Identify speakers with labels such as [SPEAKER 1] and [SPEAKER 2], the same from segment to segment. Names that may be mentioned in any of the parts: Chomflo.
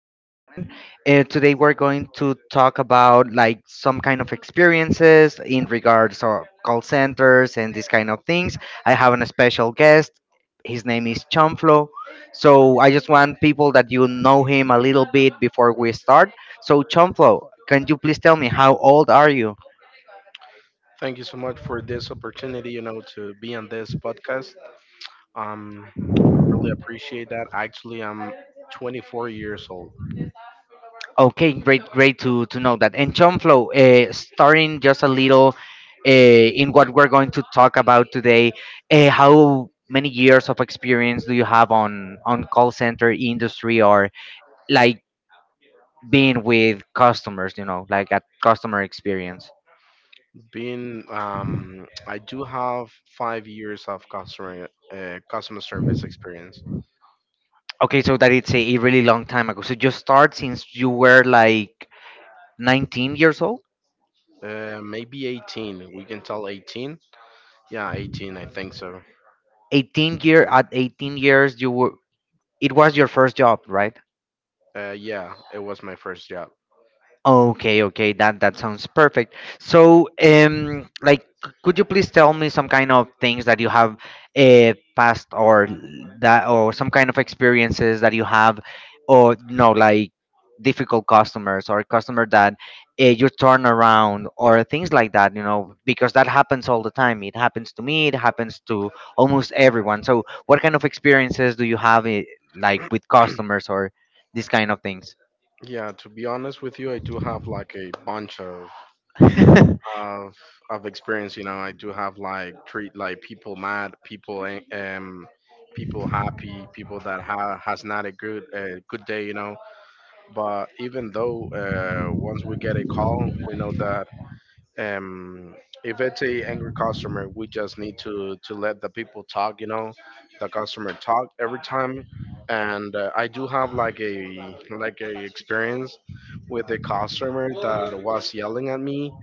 [SPEAKER 1] in this moment. Today we're going to talk about, like, some kind of experiences in regards to call centers and these kind of things. I have a special guest. His name is Chomflo. So I just want people that you know him a little bit before we start. So Chomflo, can you please tell me how old are you?
[SPEAKER 2] Thank you so much for this opportunity, you know, to be on this podcast. I really appreciate that. Actually, I'm 24 years old.
[SPEAKER 1] Okay, great, great to know that. And John, starting just a little, in what we're going to talk about today, how many years of experience do you have on call center industry, or, like, being with customers? You know, like, at customer experience.
[SPEAKER 2] I do have 5 years of customer customer service experience.
[SPEAKER 1] Okay, so that it's a really long time ago. So you start since you were like 19 years old.
[SPEAKER 2] Maybe 18. We can tell 18. Yeah, 18. I think so.
[SPEAKER 1] 18 year, at 18 years you were. It was your first job, right?
[SPEAKER 2] Yeah, it was my first job.
[SPEAKER 1] Okay, okay, that sounds perfect. So, like, could you please tell me some kind of things that you have, passed or that, or some kind of experiences that you have, or, like, difficult customers, or customer that, you turn around, or things like that, because that happens all the time. It happens to me. It happens to almost everyone. So, what kind of experiences do you have, like, with customers or these kind of things?
[SPEAKER 2] Yeah, to be honest with you, I do have like a bunch of of of experience, you know. I do have like treat like people, mad people, people, happy people that has not a good good day, you know. But even though, once we get a call, we know that, um if it's a angry customer, we just need to let the people talk, you know, the customer talk every time. And I do have like a experience with a customer that was yelling at me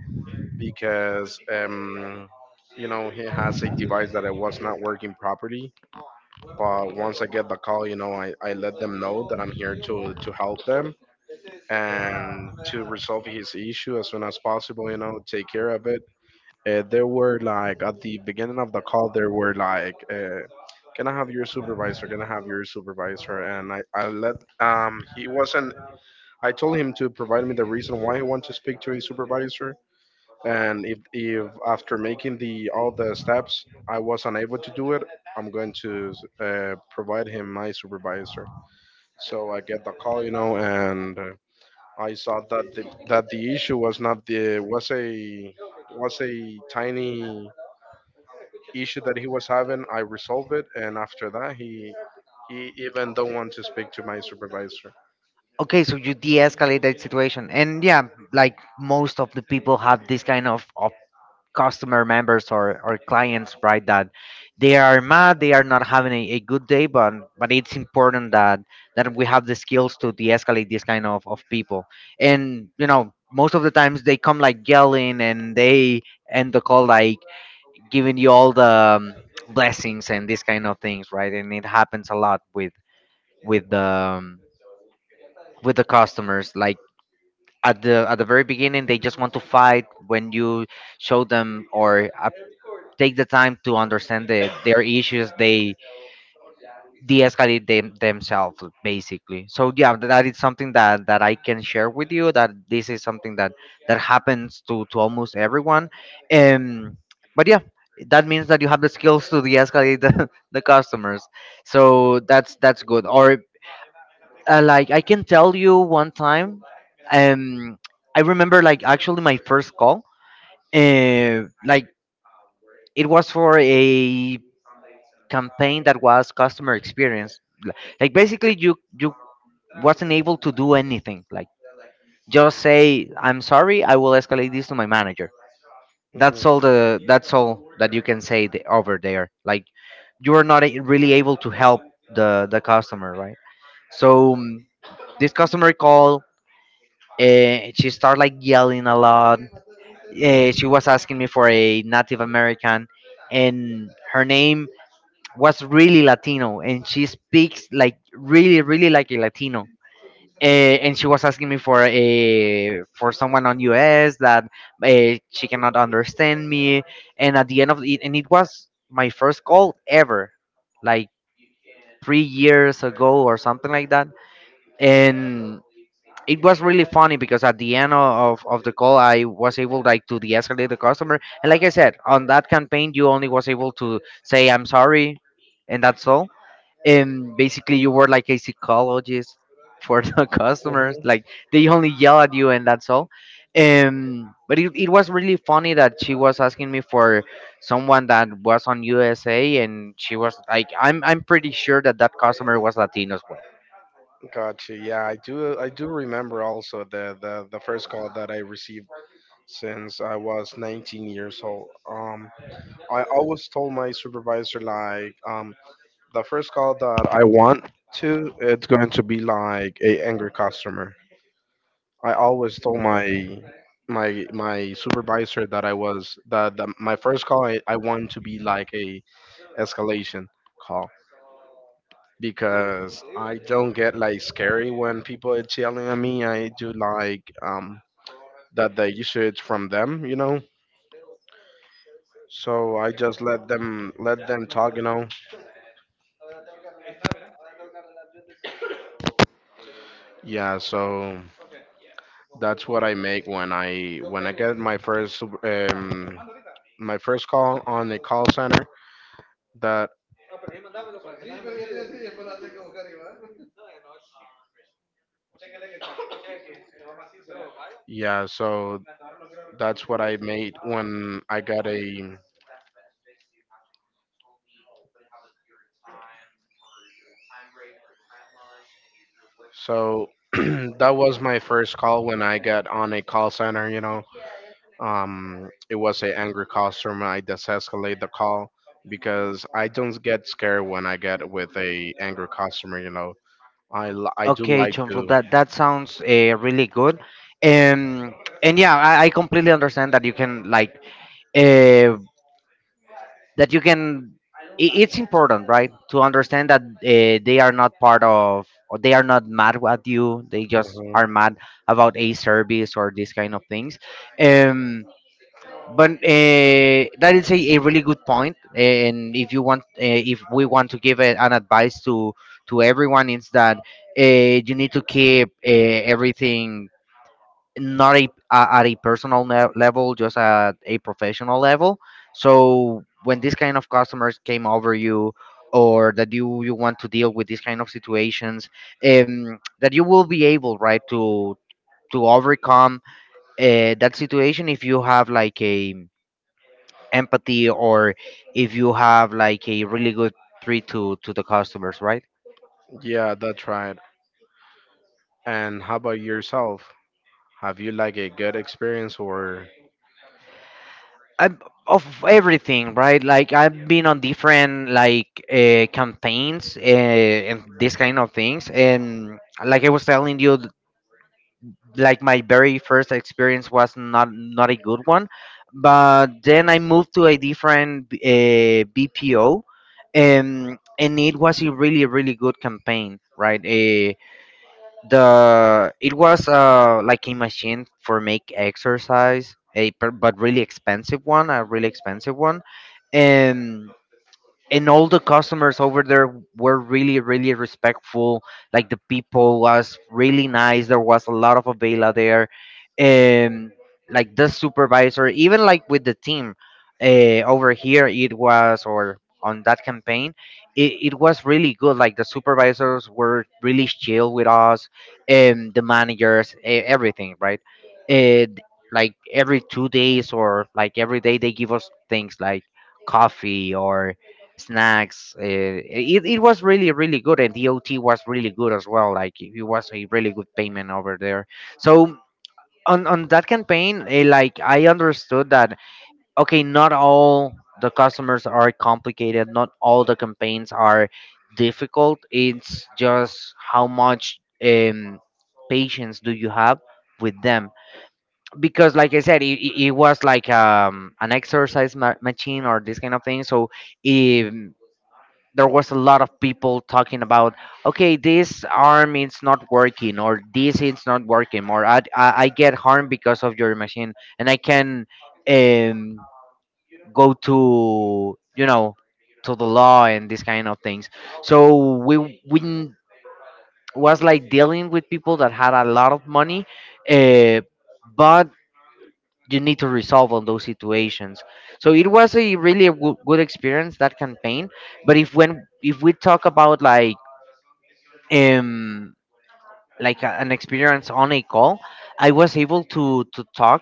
[SPEAKER 2] because, you know, he has a device that it was not working properly. But once I get the call, you know, I let them know that I'm here to help them and to resolve his issue as soon as possible, you know, take care of it. There were like at the beginning of the call, there were like. Can I have your supervisor? Can I have your supervisor? And I let he wasn't. I told him to provide me the reason why he wanted to speak to his supervisor, and if after making the all the steps I was unable to do it, I'm going to provide him my supervisor. So I get the call, you know, and I saw that the issue was not the was a tiny issue that he was having. I resolved it, and after that, he even don't want to speak to my supervisor.
[SPEAKER 1] Okay, so you de-escalate that situation, and yeah, like most of the people have this kind of customer members, or clients, right? That they are mad, they are not having a good day, but it's important that we have the skills to de-escalate this kind of people, and most of the times they come like yelling, and they end the call like giving you all the blessings and this kind of things, right? And it happens a lot with the with the customers like at the very beginning they just want to fight. When you show them, or take the time to understand their issues, they de-escalate themselves, basically. So yeah, that is something that I can share with you, that this is something that happens to almost everyone. um but yeah, that means that you have the skills to de-escalate the customers. So that's good. Or, like, I can tell you one time, um, I remember, like, actually my first call, like, it was for a campaign that was customer experience. L- Like, basically, you wasn't able to do anything. Like, just say, "I'm sorry, I will escalate this to my manager." That's
[SPEAKER 2] Mhm.
[SPEAKER 1] all the that's all that you can say over there. Like, you are not really able to help the customer, right? So, this customer call. She started like yelling a lot. She was asking me for a Native American, and her name was really Latino, and she speaks like really, really like a Latino. And she was asking me for a for someone on US that, she cannot understand me. And at the end of it, and it was my first call ever, like 3 years ago or something like that. And it was really funny because at the end of the call I was able, like, to de-escalate the customer. And like I said, on that campaign you only was able to say "I'm sorry," and that's all. And basically you were like a psychologist for the customers,
[SPEAKER 2] Mhm.
[SPEAKER 1] like, they only yell at you and that's all. But it was really funny that she was asking me for someone that was on USA, and she was like, I'm pretty sure that that customer was Latino as well.
[SPEAKER 2] Got you. Yeah, I do. I do remember also the the first call that I received since I was 19 years old. I always told my supervisor like, the first call that I want to, it's going to be like a angry customer. I always told my my supervisor that that my first call I want to be like a escalation, because I don't get like scary when people are yelling at me. I do like that the issue is from them, you know. So I just let them talk, you know. Yeah, so that's what I make when I get my first call on the call center. That yeah, so that's what I made when I got a. So that was my first call when I got on a call center, you know. It was an angry customer. I desescalate the call because I don't get scared when I get with a angry customer, you know. I do
[SPEAKER 1] Okay,
[SPEAKER 2] like
[SPEAKER 1] Chonflo,
[SPEAKER 2] to.
[SPEAKER 1] that sounds, really good. Um, and yeah, I completely understand that you can, like, uh, that you can. It's important, right, to understand that, they are not part of, or they are not mad at you. They just
[SPEAKER 2] Mhm.
[SPEAKER 1] are mad about a service or these kind of things. Um, but that is a really good point. And if you want, if we want to give an advice to everyone, is that, you need to keep, everything not at a personal level, just at a professional level. So when this kind of customers came over you, or that you want to deal with these kind of situations, that you will be able, right, to overcome, that situation, if you have like a empathy, or if you have like a really good treat to the customers, right?
[SPEAKER 2] Yeah, that's right. And how about yourself? Have you like a good experience or.
[SPEAKER 1] I'm of everything, right. Like I've been on different, like, campaigns, and this kind of things. And like I was telling you, like, my very first experience was not a good one. But then I moved to a different, BPO, and it was a really really good campaign, right? The it was, like a machine for make exercise, but really expensive one, a really expensive one. And all the customers over there were really really respectful. Like, the people was really nice, there was a lot of avila there. um like the supervisor, even like with the team, over here it was, or on that campaign, it was really good. Like, the supervisors were really chill with us, and the managers, everything, right? And like every 2 days, or like every day, they give us things like coffee or snacks. It was really really good, and the OT was really good as well. Like, it was a really good payment over there. So, on that campaign, like, I understood that, okay, not all the customers are complicated. Not all the campaigns are difficult. It's just how much patience do you have with them, because like I said, it was like an exercise machine or this kind of thing. So, if there was a lot of people talking about, okay, this arm is not working, or this is not working, or I get harmed because of your machine and I can, um go to, to the law and these kind of things. So we was like dealing with people that had a lot of money, uh, but you need to resolve on those situations. So it was a really a good experience, that campaign. But if we talk about, like, um like an experience on a call, I was able to talk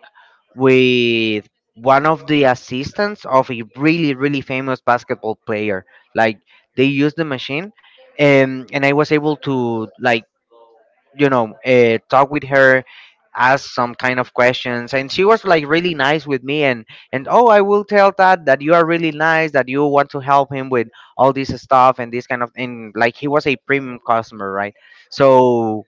[SPEAKER 1] with one of the assistants of a really really famous basketball player. Like, they used the machine, and I was able to, like, talk with her, ask some kind of questions, and she was like really nice with me. And oh, I will tell that that you are really nice, that you want to help him with all this stuff and this kind of. And like he was a premium customer, right? So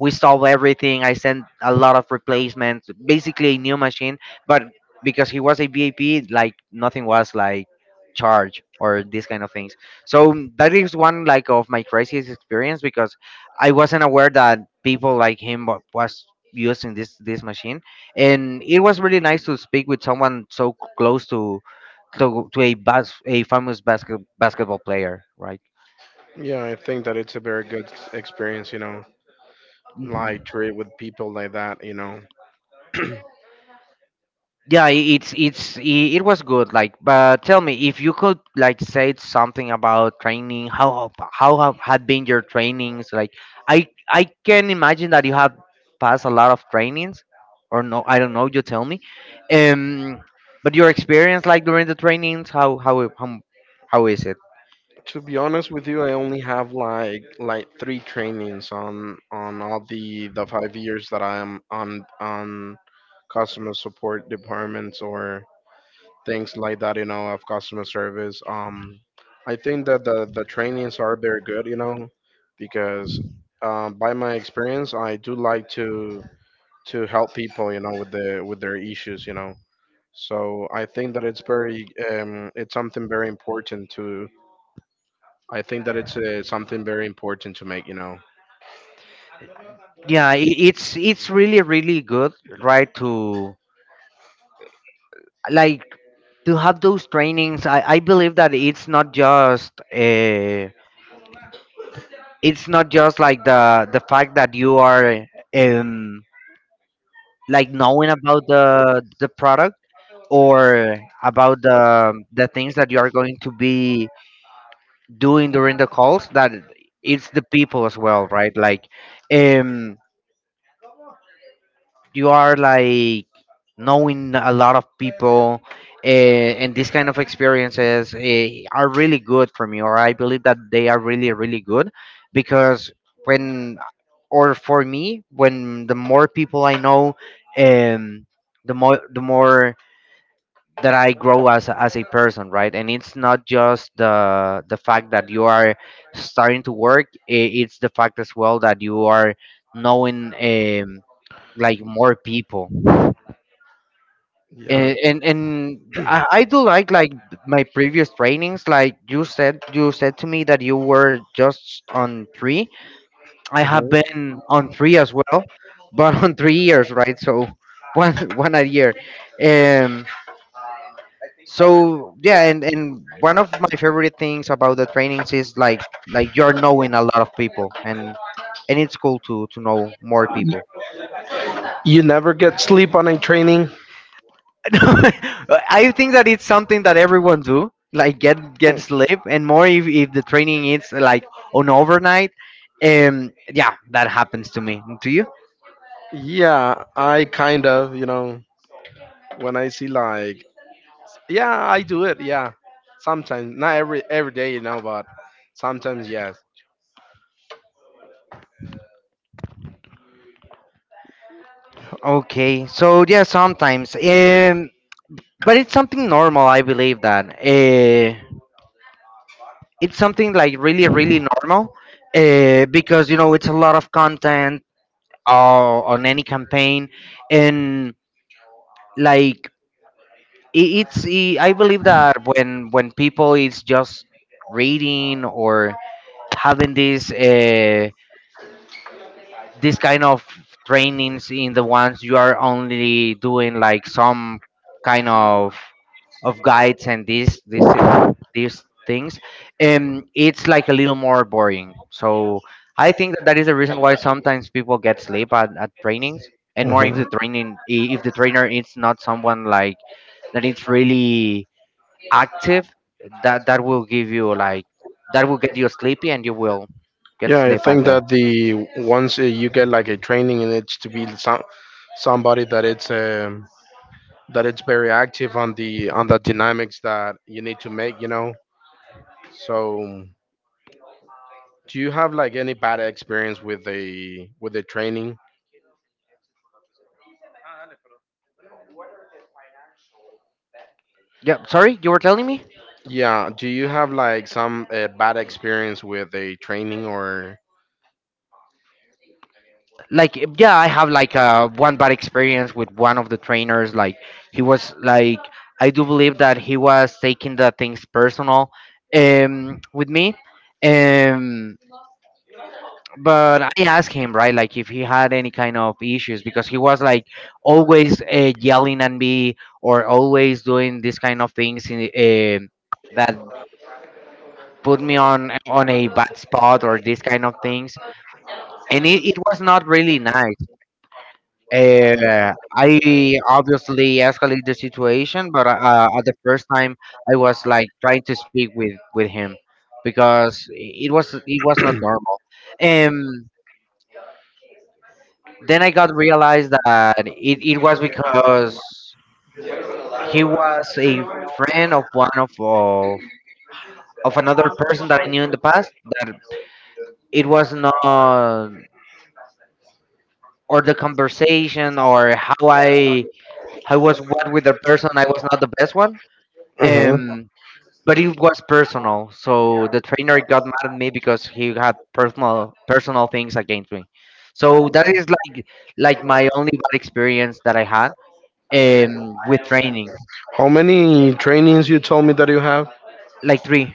[SPEAKER 1] we solve everything. I sent a lot of replacements, basically a new machine. But because he was a VAP, like nothing was like charge or these kind of things. So that is one, like, of my craziest experience, because I wasn't aware that people like him, was using this machine. And it was really nice to speak with someone so close to, a famous basketball player, right?
[SPEAKER 2] Yeah, I think that it's a very good experience, you know, like
[SPEAKER 1] Mhm.
[SPEAKER 2] trade with people like that, you know.
[SPEAKER 1] Yeah, it was good, like, but tell me if you could, like, say something about training. How have had been your trainings? Like, I can imagine that you have passed a lot of trainings, or no, I don't know, you tell me. um but your experience, like, during the trainings, how is it?
[SPEAKER 2] To be honest with you, I only have like three trainings on all the 5 years that I am on customer support departments or things like that, you know, of customer service. I think that the trainings are very good, you know, because, by my experience, I do like to help people, you know, with the with their issues, you know. So I think that it's very, it's something very important to. I think that it's something very important to make. You know,
[SPEAKER 1] Yeah, I it's really good, right? To, like, to have those trainings. I believe that it's not just like the fact that you are, um like, knowing about the product, or about the things that you are going to be doing during the calls, that it's the people as well, right? Like, um you are, like, knowing a lot of people. And these kind of experiences, are really good for me, or I believe that they are really good, because, when, or for me, when the more people I know, um, the more that I grow as a person, right? And it's not just the fact that you are starting to work, it's the fact as well that you are knowing, um, like, more people. And I do like, my previous trainings. Like, you said to me that you were just on three. I have been on three as well, but on 3 years, right? So one one a year. um so yeah, and one of my favorite things about the trainings is, like, you're knowing a lot of people, and it's cool to know more people. I think that it's something that everyone do, like, get sleep, and more if the training is like on overnight. Yeah, that happens to me. To you? Okay, so yeah, sometimes. But it's something normal, I believe that. It's something like really, really normal. Because you know it's a lot of content on any campaign, and, like, I- it's I believe that when people is just reading, or having this this kind of trainings, in the ones you are only doing like some kind of guides and these this these things. It's like a little more boring, so I think that is the reason why sometimes people get sleep at trainings, and more if the if the trainer is not someone like that it's really active, that will give you, like, that will get you sleepy and you will get sleep at the. Yeah, sorry, you were telling me. Like, yeah, I have, like, one bad experience with one of the trainers. Like, he was like, I do believe that he was taking the things personal, with me. um but I asked him, right, like, if he had any kind of issues, because he was like always yelling at me, or always doing this kind of things in. um that put me on a bad spot, or these kind of things. And it was not really nice. I obviously escalated the situation, but at the first time I was like trying to speak with him, because it was not normal. um then I got realized that it was because he was a friend of of another person that I knew in the past, that it was not, or the conversation, or how I, how was what with the person I was not the best one. Um but it was personal. So the trainer got mad at me because he had personal things against me. So that is like, my only bad experience that I had, with training. Like three.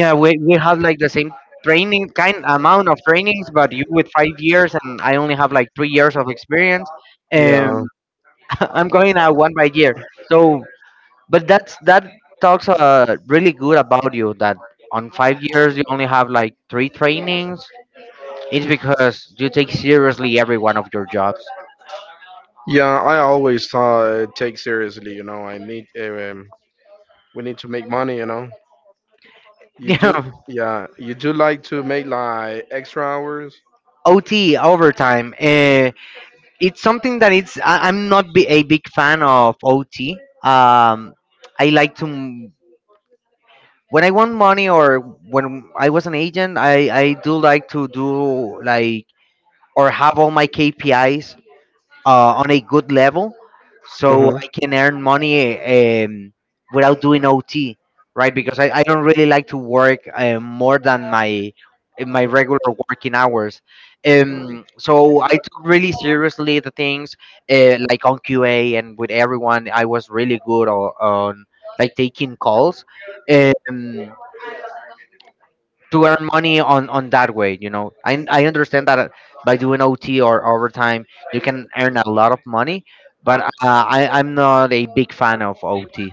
[SPEAKER 1] Yeah, we have like the same training kind amount of trainings, but you with 5 years and I only have like 3 years of experience. Um I'm going out one by year. So. But that's that talks, really good about you that on 5 years you only have like three trainings. It's because you take seriously every one of your jobs. Yeah. OT, overtime. It's something that it's. I'm not be a big fan of OT. Um, I like to when I want money, or when I was an agent. I do like to do, like, or have all my KPIs on a good level, so I can earn money, without doing OT, right? Because I don't really like to work more than my regular working hours. So I took really seriously the things, like on QA and with everyone. I was really good on, like, taking calls. Um, to earn money on that way, you know, I understand that, by doing OT or overtime, you can earn a lot of money, but I'm not a big fan of OT.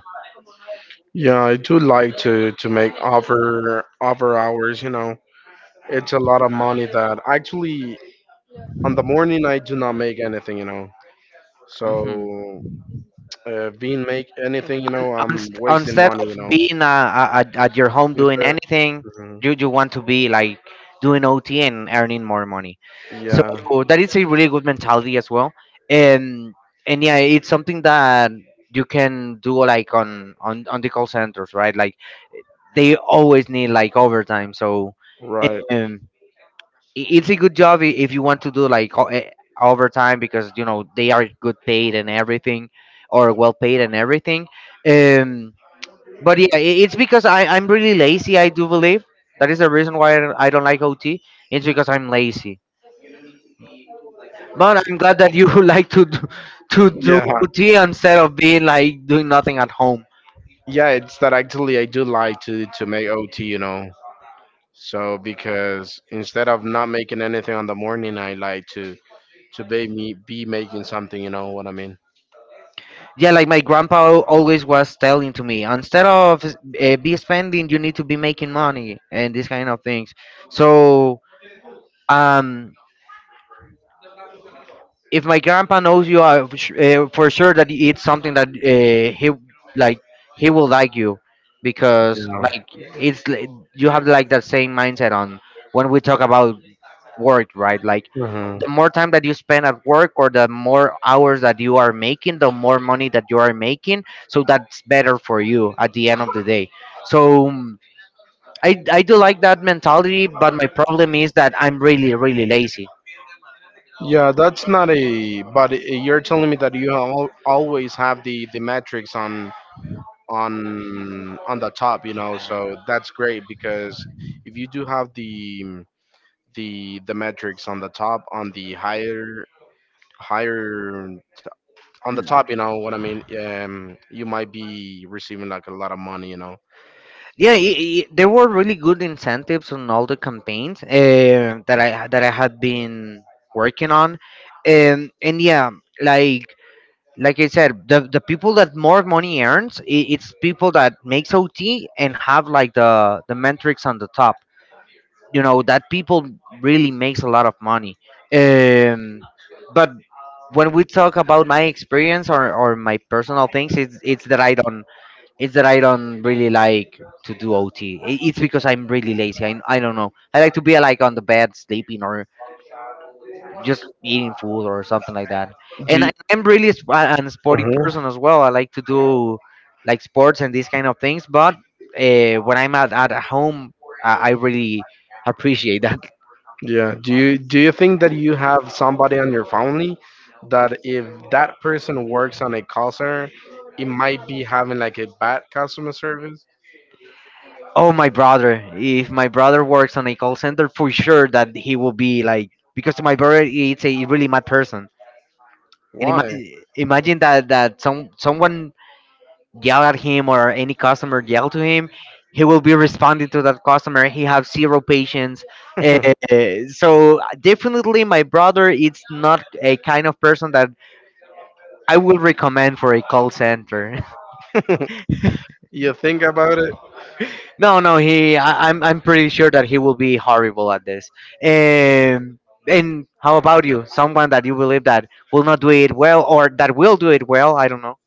[SPEAKER 1] Hmm. Instead of being, at your home doing anything, you want to be like doing OT and earning more money, so that is a really good mentality as well. and and yeah, it's something that you can do, like, on the call centers, right? Like, they always need like overtime. So um, it's a good job, if you want to do like overtime, because you know they are good paid and everything, or well paid and everything. Um, but yeah, it's because I'm really lazy. I do believe that is the reason why I don't like OT. It's because I'm lazy. But I'm glad that you like to do, OT instead of being like doing nothing at home. Yeah, like my grandpa always was telling to me, instead of, be spending, you need to be making money and these kind of things. So, um, if my grandpa knows you, for sure that it's something that, he, like, he will like you, because, like, it's li- you have like that same mindset on when we talk about work, right? Like, the more time that you spend at work, or the more hours that you are making, the more money that you are making, so that's better for you at the end of the day. So I do like that mentality, but my problem is that I'm really lazy. Yeah, I there were really good incentives on all the campaigns, that I had been working on, and yeah, like, I said, the people that more money earns, it's people that makes OT and have like the metrics on the top. You know that people really makes a lot of money. Um, but when we talk about my experience, or my personal things, it's that I don't it's that I don't really like to do OT. It's because I'm really lazy. I don't know. I like to be like on the bed sleeping, or just eating food or something like that. And I'm really an sporty person as well. I like to do like sports and these kind of things. But, when I'm at home, I really appreciate that. Oh, my brother! If my brother works on a call center, for sure that he will be like, because my brother is a really mad person. And imagine that someone yell at him, or any customer yell to him, he will be responding to that customer. He have zero patience, uh, so definitely my brother is not a kind of person that I will recommend for a call center. No, no, he I'm pretty sure that he will be horrible at this. um and how about you? Someone that you believe that will not do it well, or that will do it well, I don't know.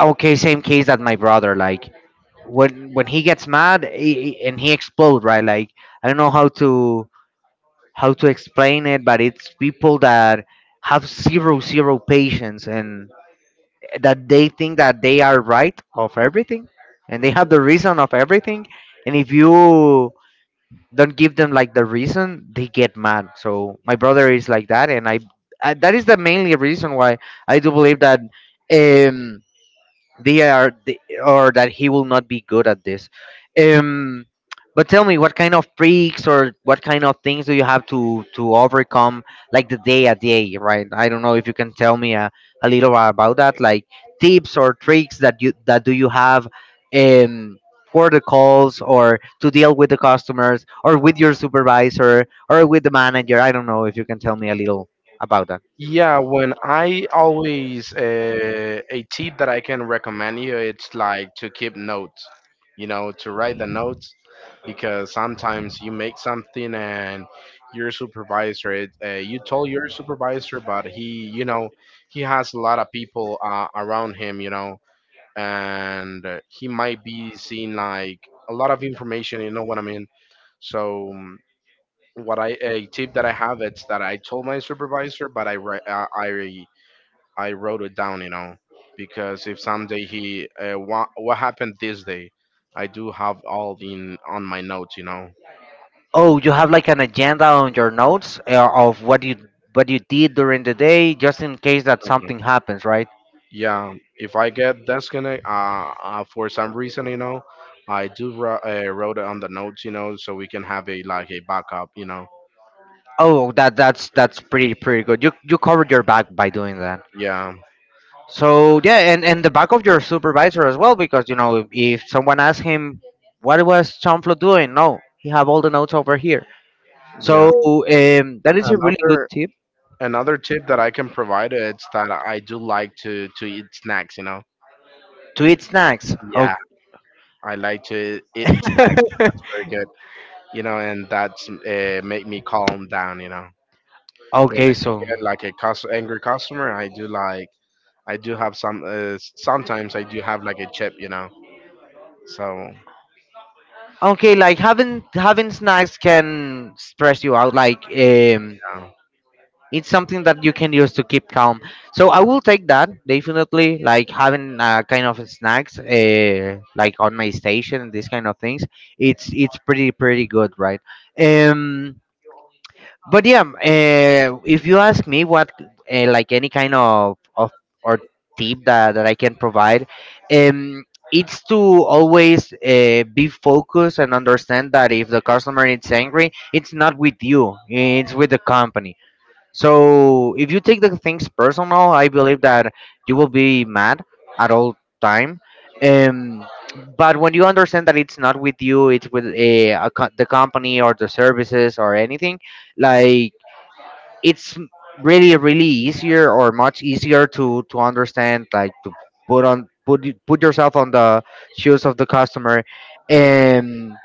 [SPEAKER 1] Okay, same case that my brother. Like, when he gets mad, and he explodes, right? Like, I don't know how to explain it, but it's people that have zero patience, and that they think that they are right of everything, and they have the reason of everything, and if you don't give them, like, the reason, they get mad. So my brother is like that. And I, that is the mainly reason why I do believe that, um they are or that he will not be good at this. um but tell me, what kind of freaks, or what kind of things do you have to overcome, like, the day a day, right? I don't know if you can tell me a little about that. Like, tips or tricks that you that do you have, um for the calls, or to deal with the customers, or with your supervisor, or with the manager. I don't know if you can tell me a little about that. Oh, you have like an agenda on your notes, of what you did during the day, just in case that something happens, right? Oh, that's pretty good. You covered your back by doing that. So yeah, and the back of your supervisor as well, because you know if someone asks him what was Chomflo doing, no, he have all the notes over here. So that is a really good tip. To eat snacks. Okay, okay, so. Okay, like, having snacks can stress you out. Like, it's something that you can use to keep calm. So I will take that definitely. Like having, kind of snacks, like on my station, these kind of things. It's pretty good, right? Um, but yeah, if you ask me what, like, any kind of, or tip that I can provide, um, it's to always, be focused, and understand that if the customer is angry, it's not with you, it's with the company. So if you take the things personal, I believe that you will be mad at all time. Um, but when you understand that it's not with you, it's with the company, or the services, or anything, like, it's m- really easier, or much easier to understand, like, to put on put y- put yourself on the shoes of the customer, and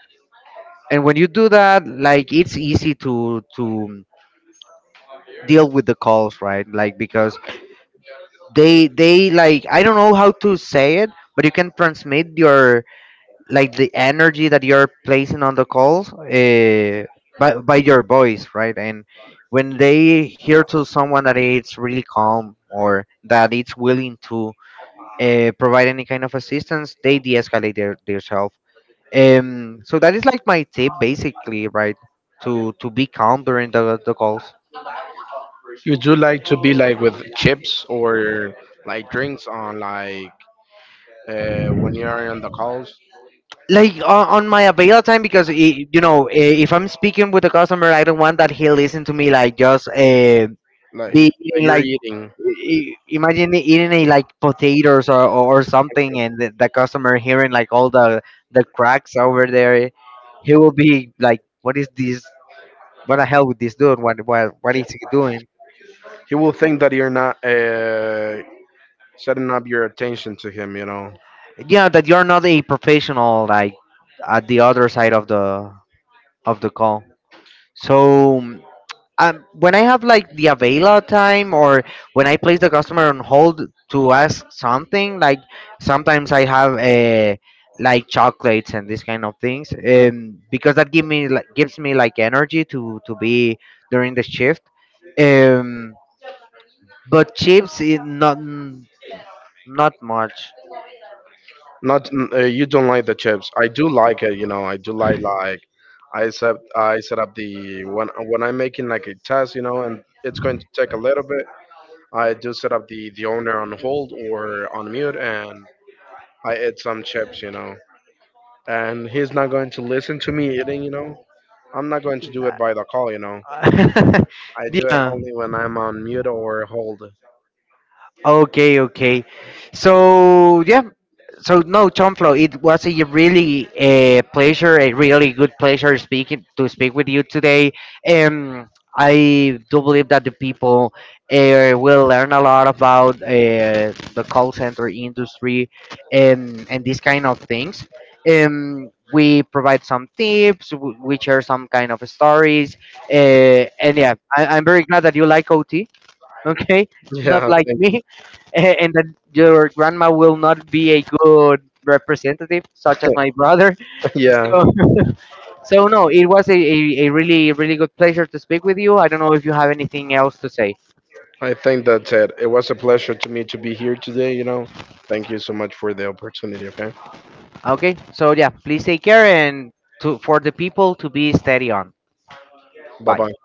[SPEAKER 1] and when you do that, like, it's easy to deal with the calls, right? Like, because they, like, I don't know how to say it, but you can transmit your, like, the energy that you're placing on the calls, by your voice, right? And when they hear to someone that it's really calm, or that it's willing to, provide any kind of assistance, they de-escalate their. So that is like my tip basically, right? To be calm during the calls, like on my available time, because I you know, if I'm speaking with a customer, I don't want that he listen to me, like, just, be eating. Like, imagine eating, like, potatoes, or something, and the customer hearing, like, all the cracks over there. He will be like, what is this? What the hell with this dude? What is he doing? Yeah, that you're not a professional, like, at the other side of the call. So, when I have like the available time, or when I place the customer on hold to ask something, like, sometimes I have, like, chocolates and these kind of things, because that give me like gives me like energy to be during the shift. Um, but chips, it not much. Yeah. Okay, okay. So yeah, so no, Tom Flo, it was a really a pleasure, a really good pleasure speaking to speak with you today. Um, I do believe that the people, will learn a lot about, the call center industry, and these kind of things. We provide some tips, we share some kind of stories, and yeah, I'm very glad that you like OT. Okay, not like me. And that your grandma will not be a good representative such as my brother. So, so no, it was a really good pleasure to speak with you. I don't know if you have anything else to say. Okay, so yeah, please take care, and to, for the people, to be steady on. Bye.